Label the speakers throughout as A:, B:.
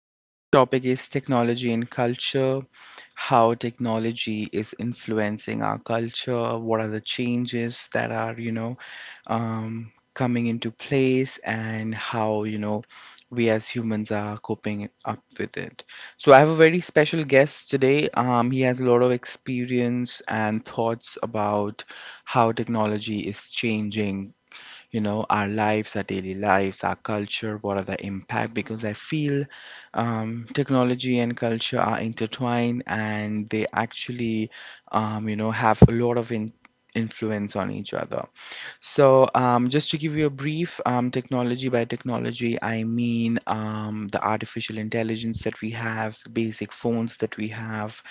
A: Today's topic is technology and culture, how technology is influencing our culture, what are the changes that are, coming into place, and how we as humans are coping up with it. So I have a very special guest today. He has a lot of experience and thoughts about how technology is changing, you know, our lives, our daily lives, our culture, what are the impact, because I feel technology and culture are intertwined, and they actually have a lot of influence on each other. So, just to give you a brief, technology. By technology, I mean the artificial intelligence that we have, the basic phones that we have,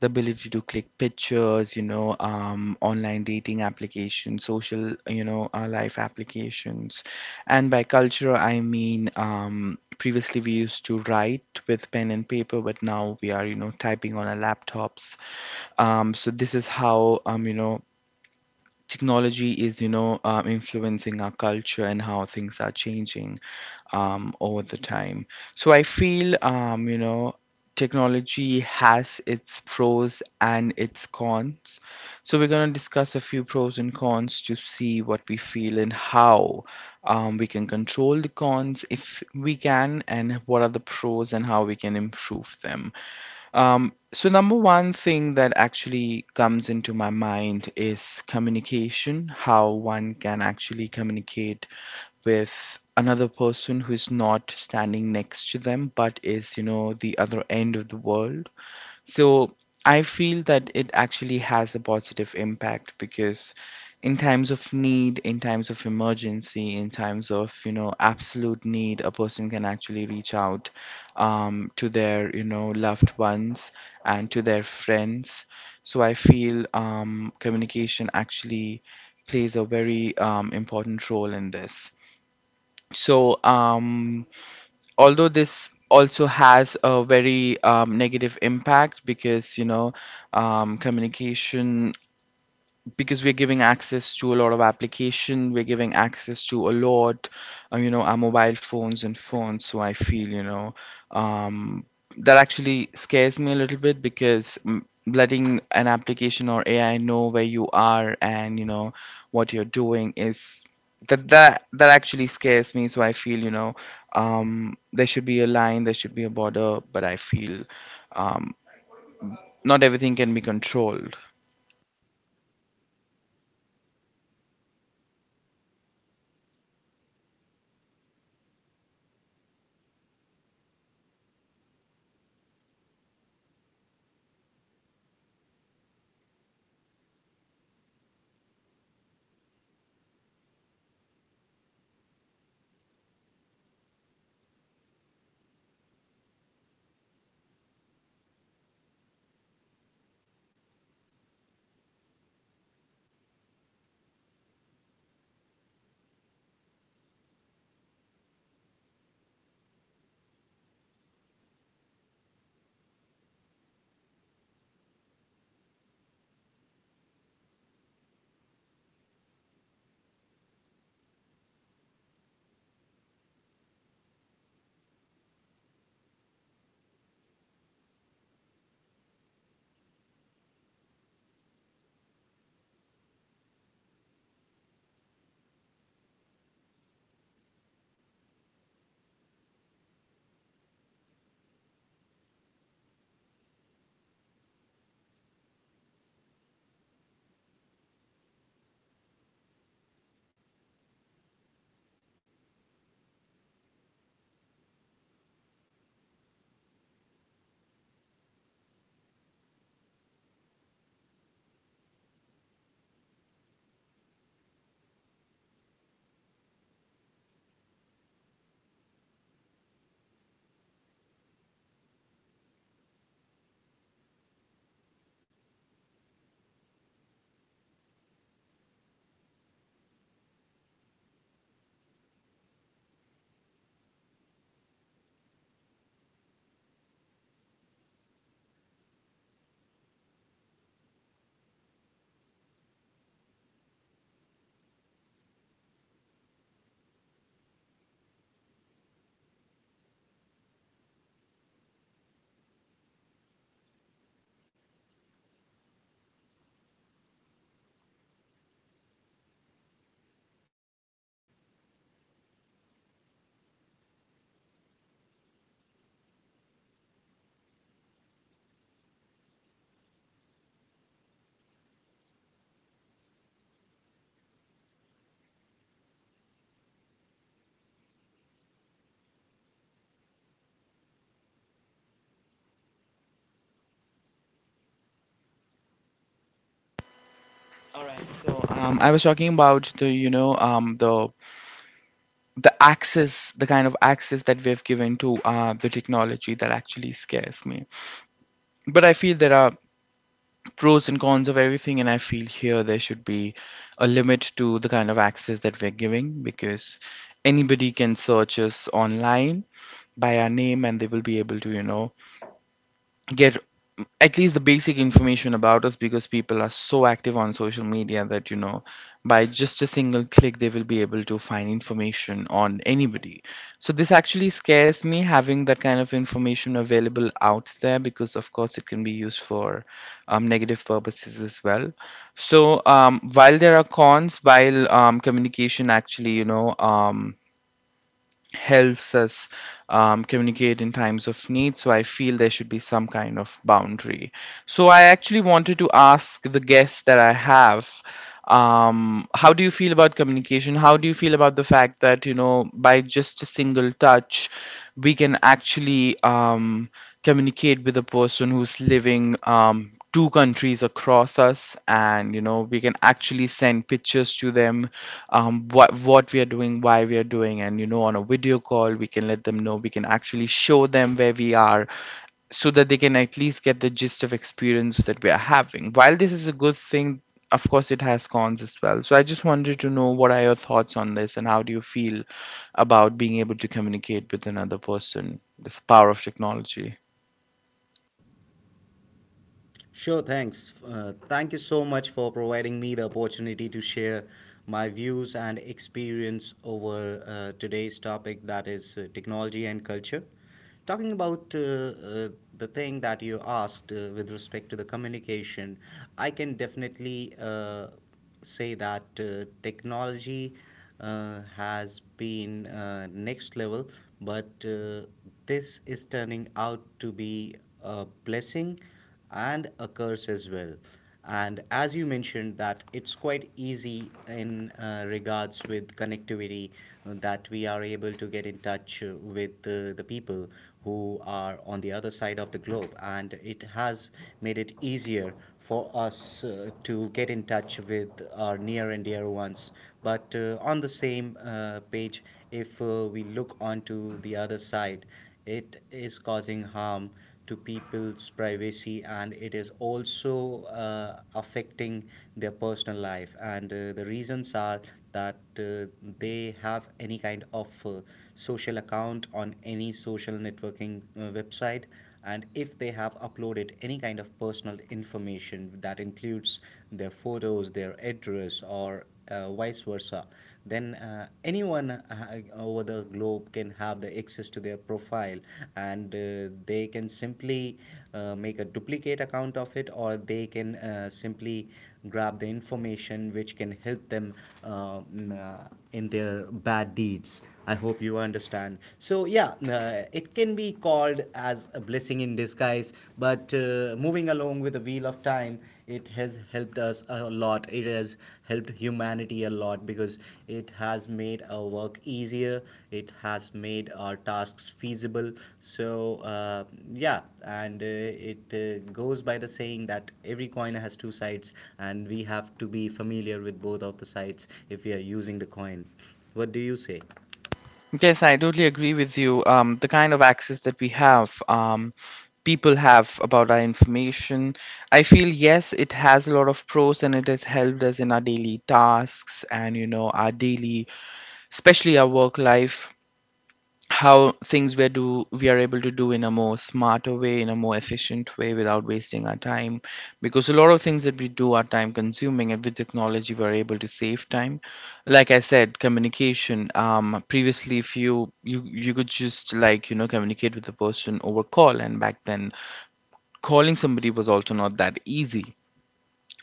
A: the ability to click pictures, online dating applications, social life applications. And by culture, I mean previously we used to write with pen and paper, but now we are, you know, typing on our laptops. So this is how, you know, technology is, influencing our culture, and how things are changing over the time. So I feel, you know, technology has its pros and its cons, so we're going to discuss a few pros and cons to see what we feel and how we can control the cons if we can, and what are the pros and how we can improve them. So, number one thing that actually comes into my mind is communication, how one can actually communicate with another person who is not standing next to them but is, you know, the other end of the world. So I feel that it actually has a positive impact because in times of need, in times of emergency, in times of, you know, absolute need, a person can actually reach out to their, you know, loved ones and to their friends. So I feel communication actually plays a very important role in this. So, although this also has a very negative impact because, you know, communication, because we're giving access to a lot of application, we're giving access to a lot, you know, our mobile phones and phones. So I feel, you know, um, that actually scares me a little bit, because letting an application or ai know where you are and, you know, what you're doing is that actually scares me. So I feel, you know, there should be a line, there should be a border, but I feel um, not everything can be controlled. I was talking about the the access, the kind of access that we have given to the technology, that actually scares me. But I feel there are pros and cons of everything, and I feel here there should be a limit to the kind of access that we're giving, because anybody can search us online by our name, and they will be able to, you know, get at least the basic information about us, because people are so active on social media that, you know, by just a single click they will be able to find information on anybody. So this actually scares me, having that kind of information available out there, because of course it can be used for negative purposes as well. So while there are cons, while communication actually, helps us communicate in times of need. So I feel there should be some kind of boundary. So I actually wanted to ask the guests that I have how do you feel about communication, how do you feel about the fact that, you know, by just a single touch we can actually communicate with a person who's living two countries across us, and, you know, we can actually send pictures to them, what we are doing, why we are doing, and, you know, on a video call we can let them know, we can actually show them where we are, so that they can at least get the gist of experience that we are having. While this is a good thing, of course it has cons as well. So I just wanted to know what are your thoughts on this, and how do you feel about being able to communicate with another person, this power of technology.
B: Sure, thanks. Thank you so much for providing me the opportunity to share my views and experience over today's topic, that is technology and culture. Talking about the thing that you asked with respect to the communication, I can definitely say that technology has been next level, but this is turning out to be a blessing and a curse as well. And as you mentioned, that it's quite easy in regards with connectivity, that we are able to get in touch with the people who are on the other side of the globe, and it has made it easier for us to get in touch with our near and dear ones. But on the same page, if we look onto the other side, it is causing harm to people's privacy, and it is also affecting their personal life. And the reasons are that they have any kind of social account on any social networking website, and if they have uploaded any kind of personal information that includes their photos, their address, or vice versa, then anyone over the globe can have the access to their profile, and they can simply make a duplicate account of it, or they can simply grab the information which can help them in their bad deeds. I hope you understand. So, yeah, it can be called as a blessing in disguise, but moving along with the wheel of time, it has helped us a lot. It has helped humanity a lot because it has made our work easier. It has made our tasks feasible. So yeah, and it goes by the saying that every coin has two sides, and we have to be familiar with both of the sides if we are using the coin. What do you say?
A: Yes, I totally agree with you. The kind of access that we have, people have about our information. I feel yes, it has a lot of pros, and it has helped us in our daily tasks and, you know, our daily, especially our work life, how things we are do, we are able to do in a more smarter way, in a more efficient way, without wasting our time, because a lot of things that we do are time consuming, and with technology we're able to save time. Like I said, communication, previously, if you could just, like, you know, communicate with the person over call, and back then calling somebody was also not that easy.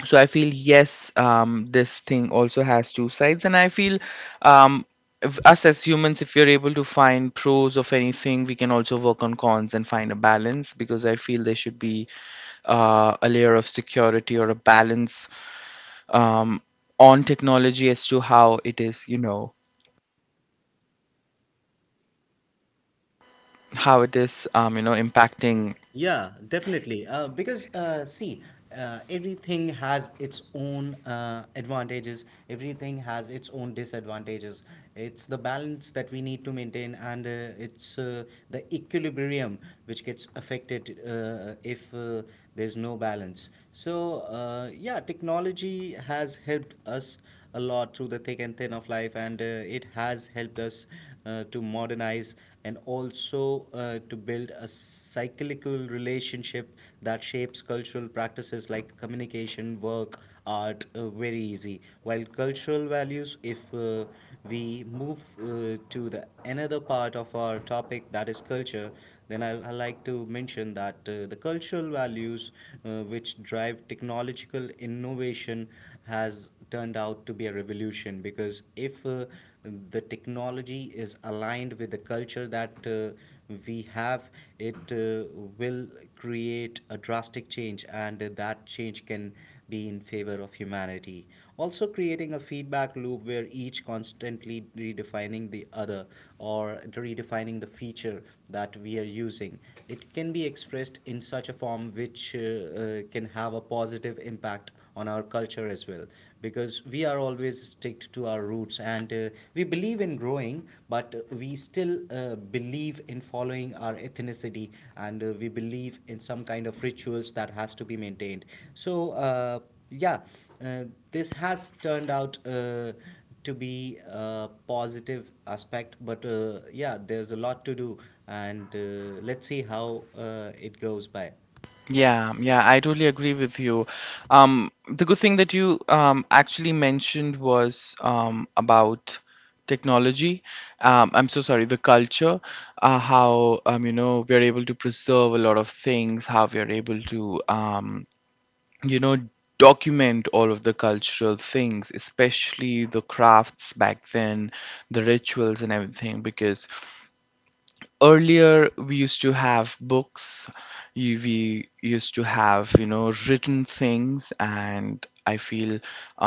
A: So I feel yes, this thing also has two sides, and I feel um, if us as humans, if we're able to find pros of anything we can also work on cons and find a balance, because I feel there should be a layer of security or a balance um, on technology as to how it is, you know, how it is impacting.
B: Yeah, definitely. Because see, everything has its own advantages. Everything has its own disadvantages. It's the balance that we need to maintain, and it's the equilibrium which gets affected if there's no balance. So yeah, technology has helped us a lot through the thick and thin of life, and it has helped us to modernize, and also to build a cyclical relationship that shapes cultural practices like communication, work, art, very easy. While cultural values, if we move to the another part of our topic, that is culture, then I like to mention that the cultural values which drive technological innovation has turned out to be a revolution, because if the technology is aligned with the culture that we have, it will create a drastic change, and that change can be in favor of humanity. Also, creating a feedback loop where each constantly redefining the other, or redefining the feature that we are using. It can be expressed in such a form which can have a positive impact on our culture as well, because we are always sticked to our roots, and we believe in growing, but we still believe in following our ethnicity, and we believe in some kind of rituals that has to be maintained. So yeah, uh, this has turned out to be a positive aspect, but yeah, there's a lot to do, and let's see how it goes by.
A: Yeah, yeah, I totally agree with you. The good thing that you actually mentioned was about technology. I'm so sorry, the culture, how, you know, we're able to preserve a lot of things, how we're able to you know, document all of the cultural things, especially the crafts back then, the rituals and everything, because earlier we used to have books, we used to have, you know, written things, and I feel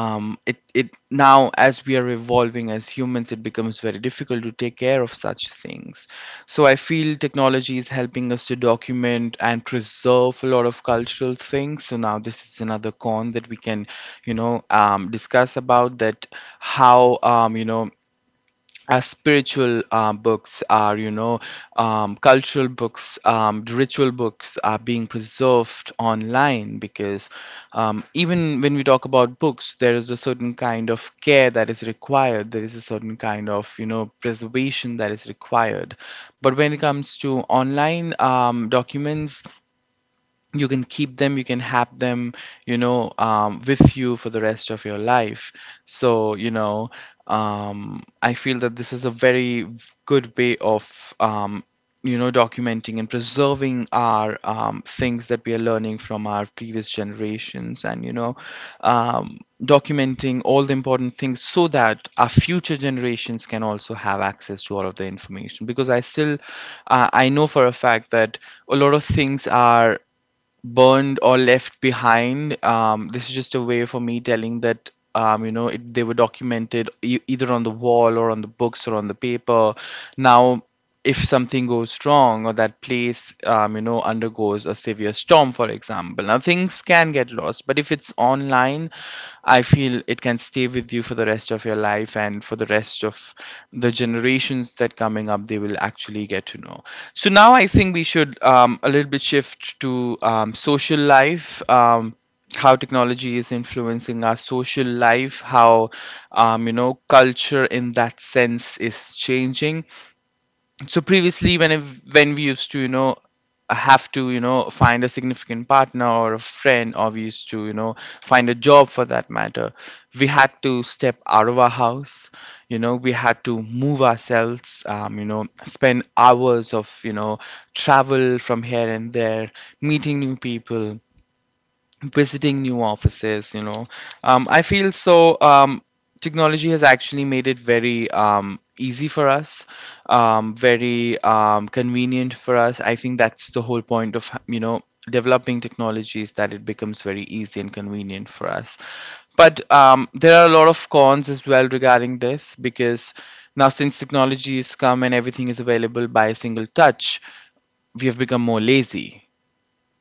A: it now as we are evolving as humans, it becomes very difficult to take care of such things. So I feel technology is helping us to document and preserve a lot of cultural things. So now this is another con that we can, you know, discuss about that, how, you know, spiritual books are, you know, cultural books, ritual books are being preserved online, because even when we talk about books, there is a certain kind of care that is required. There is a certain kind of, you know, preservation that is required. But when it comes to online documents, you can keep them, you can have them, you know, with you for the rest of your life. So, you know, I feel that this is a very good way of you know, documenting and preserving our things that we are learning from our previous generations, and, you know, documenting all the important things so that our future generations can also have access to all of the information. Because I still, I know for a fact that a lot of things are burned or left behind. This is just a way for me telling that, you know, it, they were documented, either on the wall or on the books or on the paper. Now, if something goes wrong or that place you know, undergoes a severe storm, for example, now things can get lost. But if it's online, I feel it can stay with you for the rest of your life, and for the rest of the generations that coming up, they will actually get to know. So now I think we should a little bit shift to social life, how technology is influencing our social life, how, you know, culture in that sense is changing. So previously when, if, when we used to, you know, have to, you know, find a significant partner or a friend, or we used to, you know, find a job for that matter, we had to step out of our house, you know, we had to move ourselves, you know, spend hours of, you know, travel from here and there, meeting new people, visiting new offices, you know. I feel so, technology has actually made it very easy for us, very convenient for us. I think that's the whole point of, you know, developing technologies, that it becomes very easy and convenient for us. But there are a lot of cons as well, regarding this, because now since technology has come and everything is available by a single touch, we have become more lazy.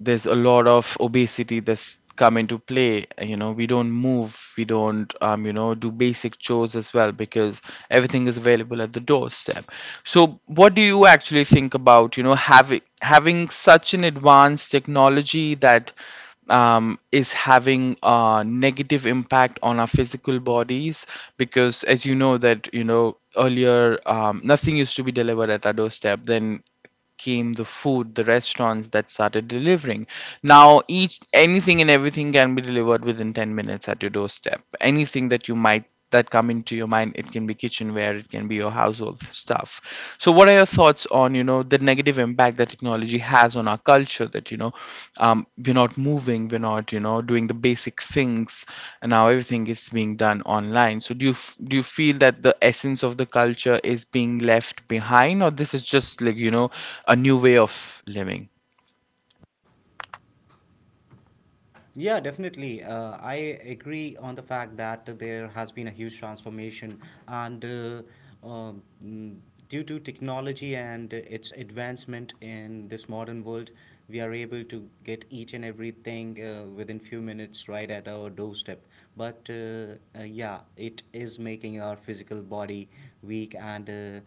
A: There's a lot of obesity that's come into play. We don't move, we don't do basic chores as well, because everything is available at the doorstep. So what do you actually think about having such an advanced technology that is having a negative impact on our physical bodies? Because as you know that you know earlier nothing used to be delivered at our doorstep. Then came the food, the restaurants that started delivering. Now, each anything and everything can be delivered within 10 minutes at your doorstep. Anything that you might— that come into your mind, it can be kitchenware, it can be your household stuff. So, what are your thoughts on the negative impact that technology has on our culture? That we're not moving, we're not doing the basic things, and now everything is being done online. So do you do you feel that the essence of the culture is being left behind, or this is just like a new way of living?
B: Yeah, definitely. I agree on the fact that there has been a huge transformation, and um, mm, due to technology and its advancement in this modern world, we are able to get each and everything within few minutes right at our doorstep. But yeah, it is making our physical body weak, and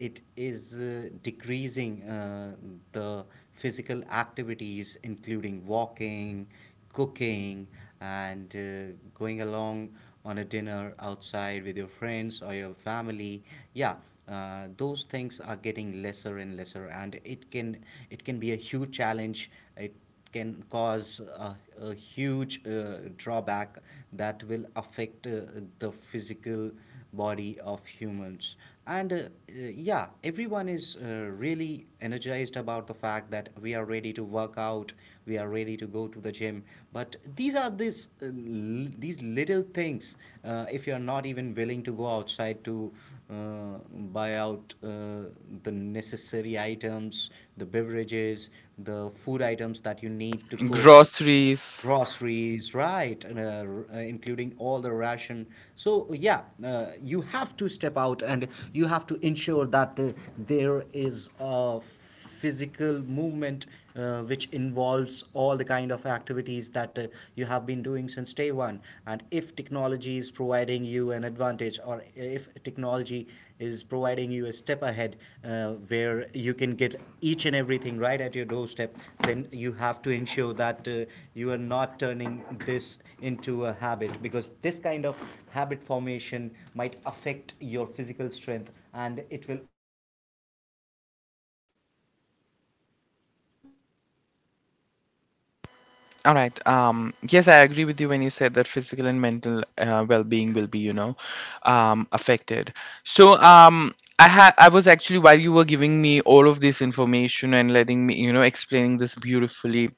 B: it is decreasing the physical activities, including walking, cooking, and going along on a dinner outside with your friends or your family. Yeah, those things are getting lesser and lesser, and it can be a huge challenge. It can cause a huge drawback that will affect the physical body of humans. And yeah, everyone is really energized about the fact that we are ready to work out, we are ready to go to the gym, but these little things, if you are not even willing to go outside to uh, buy out the necessary items, the beverages, the food items that you need to cook,
A: Groceries.
B: groceries, right? And including all the ration. So yeah, you have to step out, and you have to ensure that there is a physical movement which involves all the kind of activities that you have been doing since day one. And if technology is providing you an advantage, or if technology is providing you a step ahead, where you can get each and everything right at your doorstep, then you have to ensure that you are not turning this into a habit, because this kind of habit formation might affect your physical strength, and it will affect your mental well being as well.
A: All right. Yes, I agree with you when you said that physical and mental well-being will be, you know, affected. So, I was actually, while you were giving me all of this information and letting me, you know, explaining this beautifully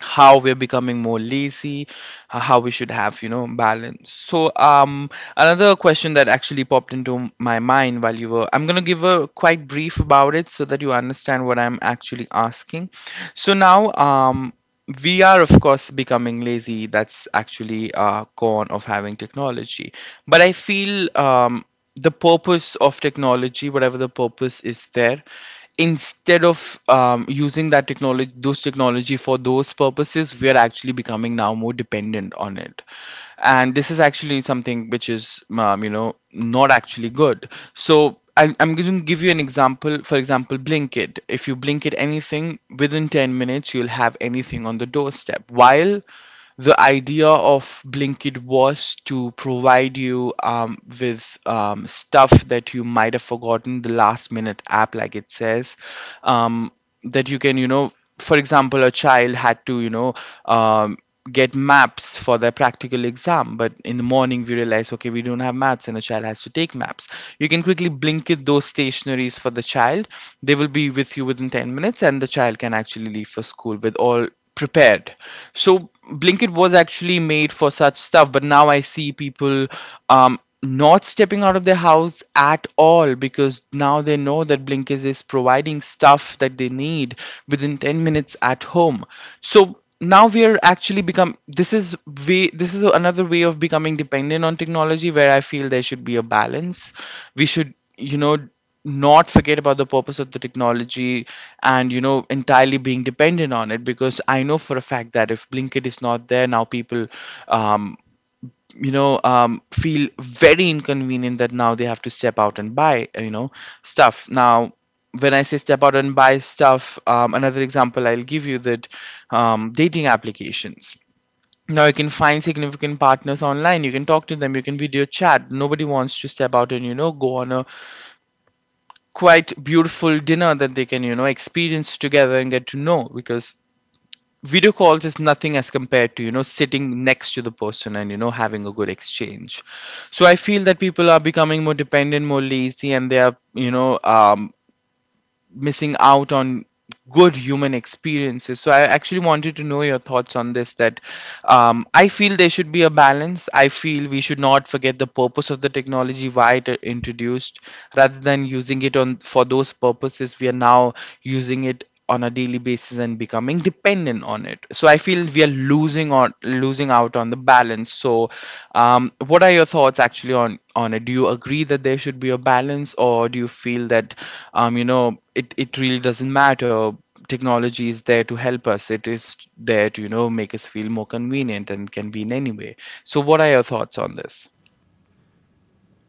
A: how we're becoming more lazy, how we should have, you know, balance. So, another question that actually popped into my mind while you were— I'm going to give a quite brief about it so that you understand what I'm actually asking. So now, we are of course becoming lazy. That's actually a con of having technology. But I feel, the purpose of technology, whatever the purpose is there, instead of using that technology, those technology for those purposes, we are actually becoming now more dependent on it, and this is actually something which is, you know, not actually good. So, I'm going to give you an example. For example, Blinkit. If you Blinkit anything within 10 minutes, you'll have anything on the doorstep. While the idea of Blinkit was to provide you with stuff that you might have forgotten, the last minute app, like it says, um, that you can, you know, for example, a child had to, you know, um, get maps for their practical exam, but in the morning we realize, okay, we don't have maps, and a child has to take maps. You can quickly Blinkit those stationaries for the child. They will be with you within 10 minutes, and the child can actually leave for school with all prepared. So Blinkit was actually made for such stuff, but now I see people not stepping out of their house at all, because now they know that Blinkit is providing stuff that they need within 10 minutes at home. So now we are actually become— this is another way of becoming dependent on technology, where I feel there should be a balance. We should not forget about the purpose of the technology, and entirely being dependent on it, because I know for a fact that if Blinkit is not there, now people um feel very inconvenient, that now they have to step out and buy stuff. Now when I say step out and buy stuff, another example I'll give you, that dating applications. Now you can find significant partners online, you can talk to them, you can video chat, nobody wants to step out and go on a quite beautiful dinner that they can experience together and get to know, because video calls is nothing as compared to sitting next to the person and having a good exchange. So I feel that people are becoming more dependent, more lazy, and they are missing out on good human experiences. So I actually wanted to know your thoughts on this, that I feel there should be a balance. I feel we should not forget the purpose of the technology, why it introduced, rather than using it on for those purposes. We are now using it on a daily basis and becoming dependent on it. So I feel we are losing out on the balance. So what are your thoughts actually on it? Do you agree that there should be a balance, or do you feel that you know, it really doesn't matter. Technology is there to help us. It is there to, you know, make us feel more convenient and can be in any way. So what are your thoughts on this?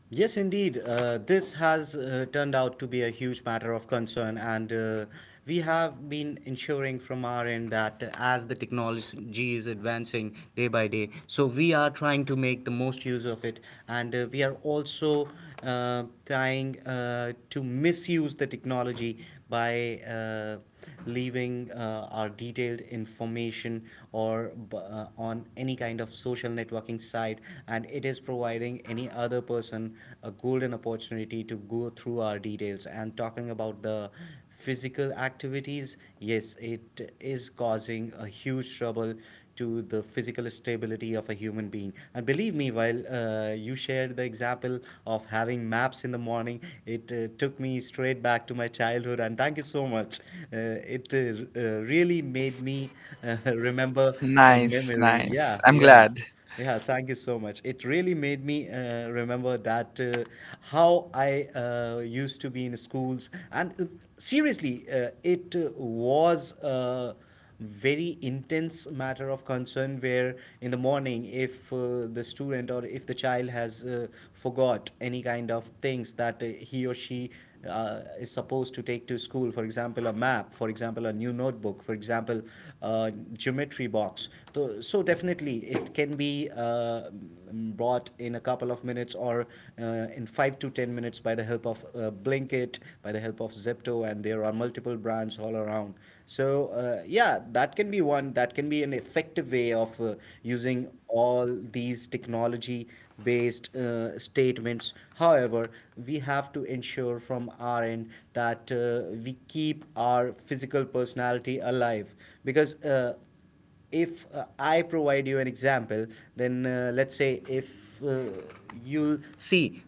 B: Yes, indeed. This has turned out to be a huge matter of concern, and we have been ensuring from our end that as the technology is advancing day by day, so we are trying to make the most use of it, and we are also trying to misuse the technology by. Leaving our detailed information, or on any kind of social networking site, and it is providing any other person a golden opportunity to go through our details. And talking about the physical activities, yes, it is causing a huge trouble to the physical stability of a human being. And believe me, while you shared the example of having maps in the morning, it took me straight back to my childhood. And thank you so much. Uh, it uh, Really made me remember a
A: Nice,
B: memory.
A: nice.
B: Yeah,
A: I'm
B: yeah.
A: glad.
B: Yeah, thank you so much. It really made me remember that how I used to be in schools, and seriously, it was a very intense matter of concern. Where in the morning, if the student or if the child has forgot any kind of things that he or she is supposed to take to school, for example, a map, for example, a new notebook, for example, a geometry box, so, so definitely it can be brought in a couple of minutes, or in 5 to 10 minutes by the help of Blinkit, by the help of Zepto, and there are multiple brands all around. So yeah, that can be an effective way of using all these technology based statements. However, we have to ensure from our end that we keep our physical personality alive, because if I provide you an example, then let's say if you'll see,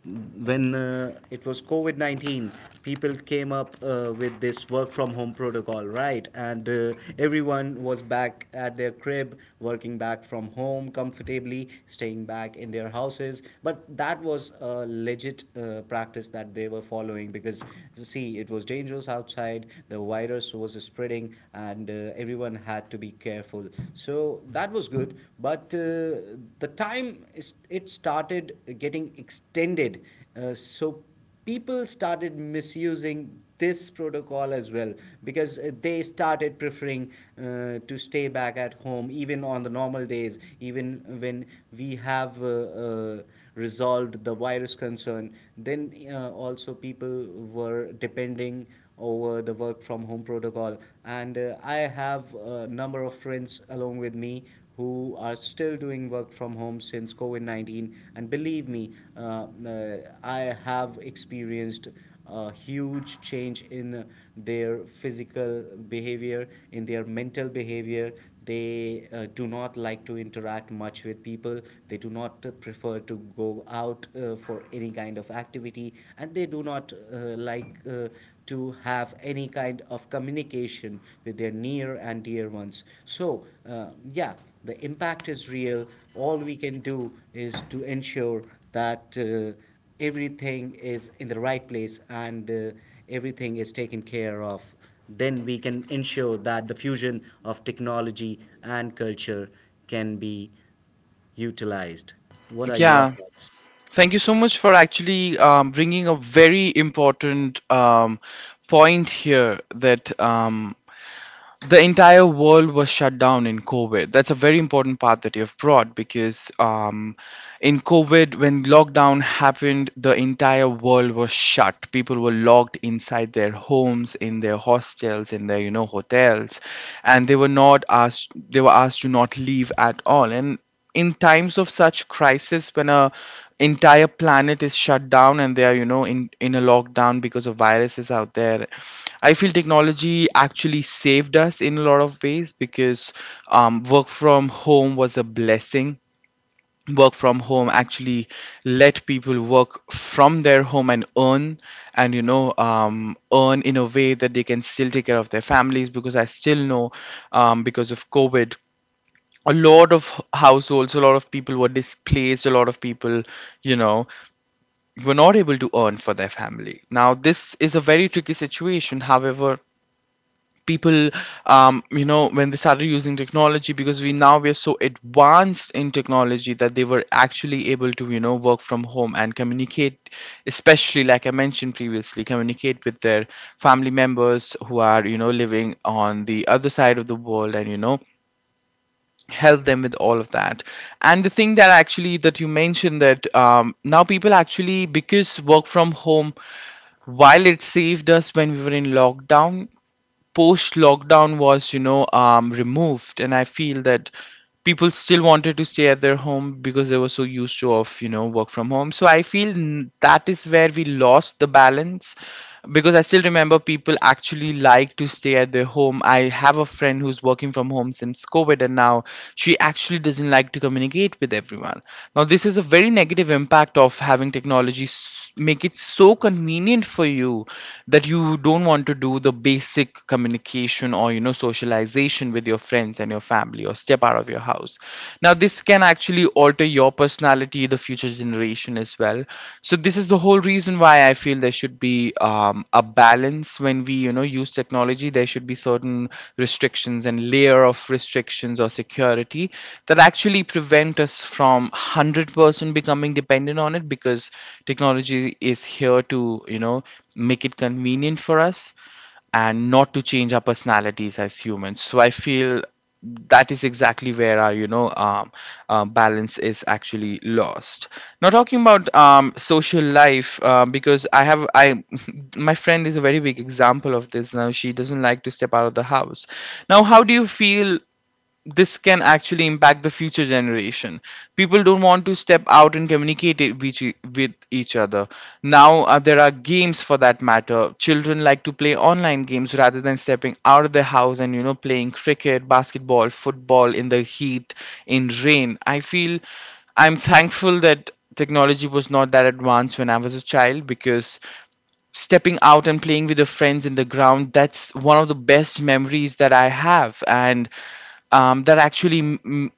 B: when it was COVID 19, people came up with this work from home protocol, right? And everyone was back at their crib, working back from home comfortably, staying back in their houses. But that was a legit practice that they were following because, see, it was dangerous outside, the virus was spreading, and everyone had to be careful. So that was good. But it started getting extended. So people started misusing this protocol as well, because they started preferring to stay back at home even on the normal days, even when we have resolved the virus concern. Then also people were depending over the work from home protocol. And I have a number of friends along with me who are still doing work from home since COVID 19. And believe me, I have experienced a huge change in their physical behavior, in their mental behavior. They do not like to interact much with people. They do not prefer to go out for any kind of activity, and they do not like to have any kind of communication with their near and dear ones. So, yeah, the impact is real. All we can do is to ensure that everything is in the right place, and everything is taken care of. Then we can ensure that the fusion of technology and culture can be utilized. What are your
A: Yeah.
B: thoughts?
A: Thank you so much for actually bringing a very important point here, that the entire world was shut down in COVID. That's a very important part that you've brought, because in COVID, when lockdown happened, the entire world was shut. People were locked inside their homes, in their hostels, in their hotels, and they were not asked. They were asked to not leave at all. And in times of such crisis, when a entire planet is shut down and they are in a lockdown because of viruses out there, I feel technology actually saved us in a lot of ways, because work from home was a blessing. Work from home actually let people work from their home and earn, and earn in a way that they can still take care of their families, because I still know because of COVID, a lot of households, a lot of people were displaced, a lot of people, you know, were not able to earn for their family. Now, this is a very tricky situation. However, people, you know, when they started using technology, because we are so advanced in technology, that they were actually able to, you know, work from home and communicate, especially like I mentioned previously, communicate with their family members who are, you know, living on the other side of the world, and, you know, help them with all of that. And the thing that actually that you mentioned, that now people actually, because work from home— while it saved us when we were in lockdown, post lockdown was removed, and I feel that people still wanted to stay at their home, because they were so used to of work from home. So I feel that is where we lost the balance. Because I still remember people actually like to stay at their home. I have a friend who's working from home since COVID, and now she actually doesn't like to communicate with everyone. Now this is a very negative impact of having technology make it so convenient for you, that you don't want to do the basic communication or socialization with your friends and your family, or step out of your house. Now this can actually alter your personality, the future generation as well. So this is the whole reason why I feel there should be a balance. When we use technology, there should be certain restrictions and layer of restrictions or security that actually prevent us from one hundred 100% becoming dependent on it. Because technology is here to, you know, make it convenient for us and not to change our personalities as humans. So I feel that is exactly where our balance is actually lost. Now talking about social life, because I have I my friend is a very big example of this. Now she doesn't like to step out of the house. Now how do you feel this can actually impact the future generation? People don't want to step out and communicate it with each other. Now there are games, for that matter. Children like to play online games rather than stepping out of their house and playing cricket, basketball, football in the heat, in rain. I feel— I'm thankful that technology was not that advanced when I was a child, because stepping out and playing with the friends in the ground, that's one of the best memories that I have. And that actually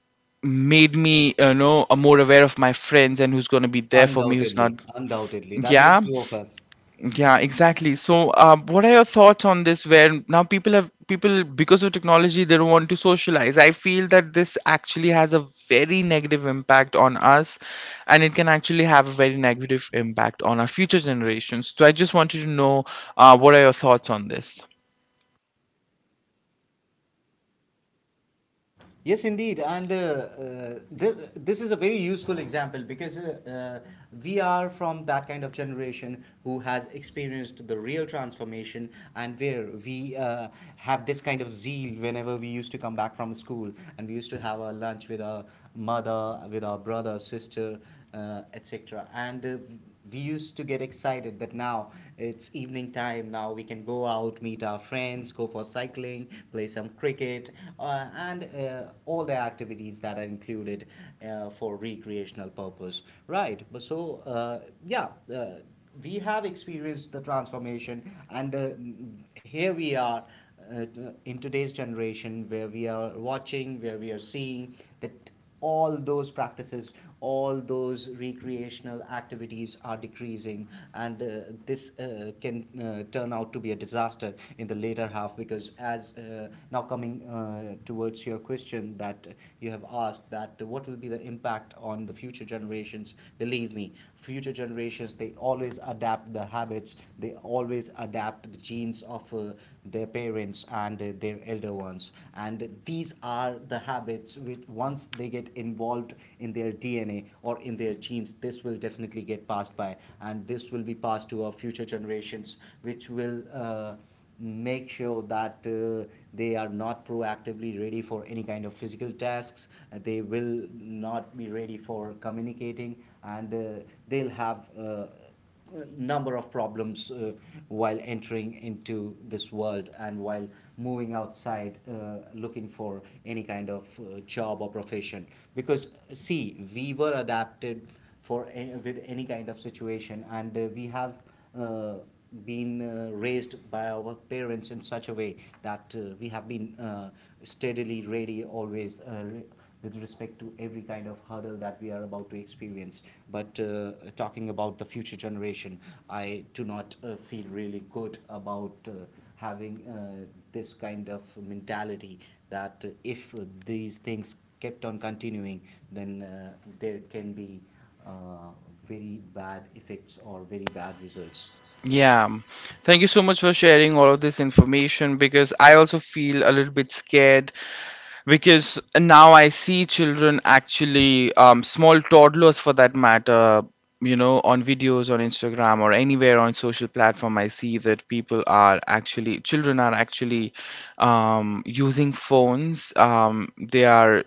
A: made me more aware of my friends and who's going to be there for me, who's not.
B: Undoubtedly, undoubtedly. That Yeah. makes
A: Yeah.
B: two of us.
A: Yeah, exactly. So what are your thoughts on this, where now people because of technology they don't want to socialize? I feel that this actually has a very negative impact on us, and it can actually have a very negative impact on our future generations. So I just wanted to know what are your thoughts on this.
B: Yes, indeed, and this, this is a very useful example, because we are from that kind of generation who has experienced the real transformation, and where we have this kind of zeal whenever we used to come back from school, and we used to have our lunch with our mother, with our brother, sister, etc. And we used to get excited that now it's evening time, now we can go out, meet our friends, go for cycling, play some cricket, and all the activities that are included for recreational purpose, right? But so yeah, uh, we have experienced the transformation, and here we are, uh, in today's generation where we are watching, where we are seeing that all those practices, all those recreational activities are decreasing. And this can turn out to be a disaster in the later half, because as now coming towards your question that you have asked, that what will be the impact on the future generations, believe me, future generations, they always adapt the habits, they always adapt the genes of people, their parents, and their elder ones. And these are the habits which, once they get involved in their DNA or in their genes, this will definitely get passed by. And this will be passed to our future generations, which will. Make sure that they are not proactively ready for any kind of physical tasks. They will not be ready for communicating, and they'll have number of problems while entering into this world, and while moving outside looking for any kind of job or profession, because, see, we were adapted for with any kind of situation, and we have uh, been raised by our parents in such a way that we have been steadily ready, always with respect to every kind of hurdle that we are about to experience. But talking about the future generation, I do not feel really good about having this kind of mentality, that if these things kept on continuing, then there can be uh, very bad effects or very bad results. Yeah.
A: Yeah, thank you so much for sharing all of this information because I also feel a little bit scared because now I see children actually, small toddlers for that matter, you know, on videos on Instagram or anywhere on social platform. I see that people are actually, children are actually using phones. They are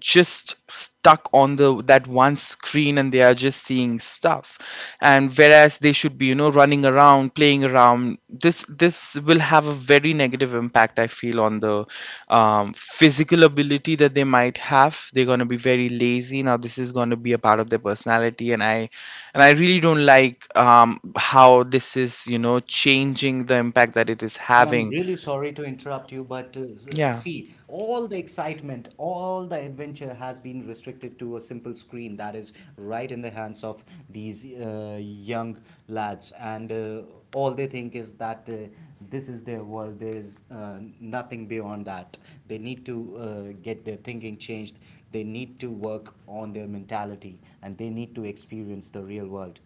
A: just stuck on the that one screen and they are just seeing stuff and whereas they should be you know running around playing around this this will have a very negative impact I feel on the physical ability that they might have they're going to be very lazy now this is going to be a part of their personality and I really don't like how this is you know changing the impact that it is
B: And I'm
A: having
B: really sorry to interrupt you, but
A: yeah
B: see, all the excitement, all the adventure has been restricted to a simple screen that is right in the hands of these young lads. And all they think is that this is their world, there is nothing beyond that. They need to get their thinking changed, they need to work on their mentality, and they need to experience the real world.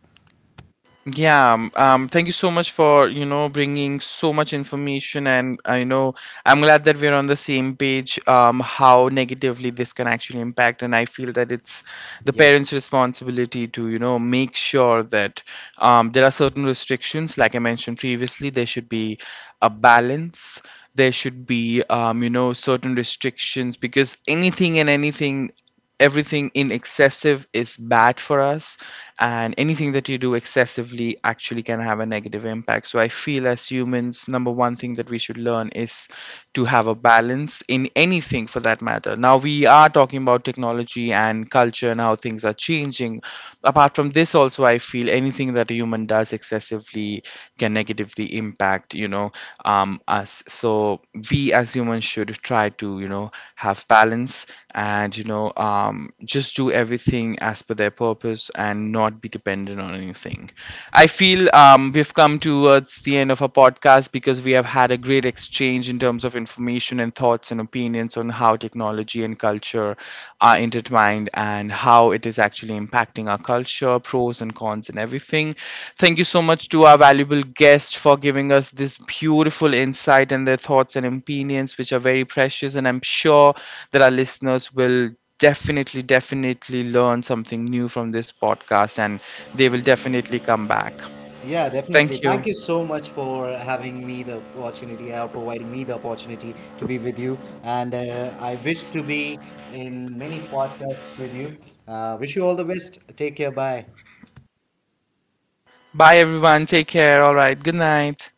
A: Yeah, thank you so much for, you know, bringing so much information. And I know I'm glad that we're on the same page, how negatively this can actually impact. And I feel that it's the
B: Yes,
A: parents' responsibility to, you know, make sure that there are certain restrictions, like I mentioned previously. There should be a balance. There should be, you know, certain restrictions, because anything everything in excessive is bad for us, and anything that you do excessively actually can have a negative impact. So I feel, as humans, number one thing that we should learn is to have a balance in anything, for that matter. Now we are talking about technology and culture and how things are changing. Apart from this, also I feel anything that a human does excessively can negatively impact us. So, we as humans should try to have balance, and just do everything as per their purpose and not be dependent on anything. I feel we've come towards the end of our podcast, because we have had a great exchange in terms of information and thoughts and opinions on how technology and culture are intertwined and how it is actually impacting our culture, pros and cons and everything. Thank you so much to our valuable guest for giving us this beautiful insight and their thoughts and opinions, which are very precious. And I'm sure that our listeners will definitely, definitely learn something new from this podcast, and they will definitely come back.
B: yeah, definitely.
A: Thank you.
B: Thank you so much for having me the opportunity, or providing me the opportunity to be with you. And I wish to be in many podcasts with you. Wish you all the best. Take care. Bye.
A: Bye, everyone. Take care. All right. Good night.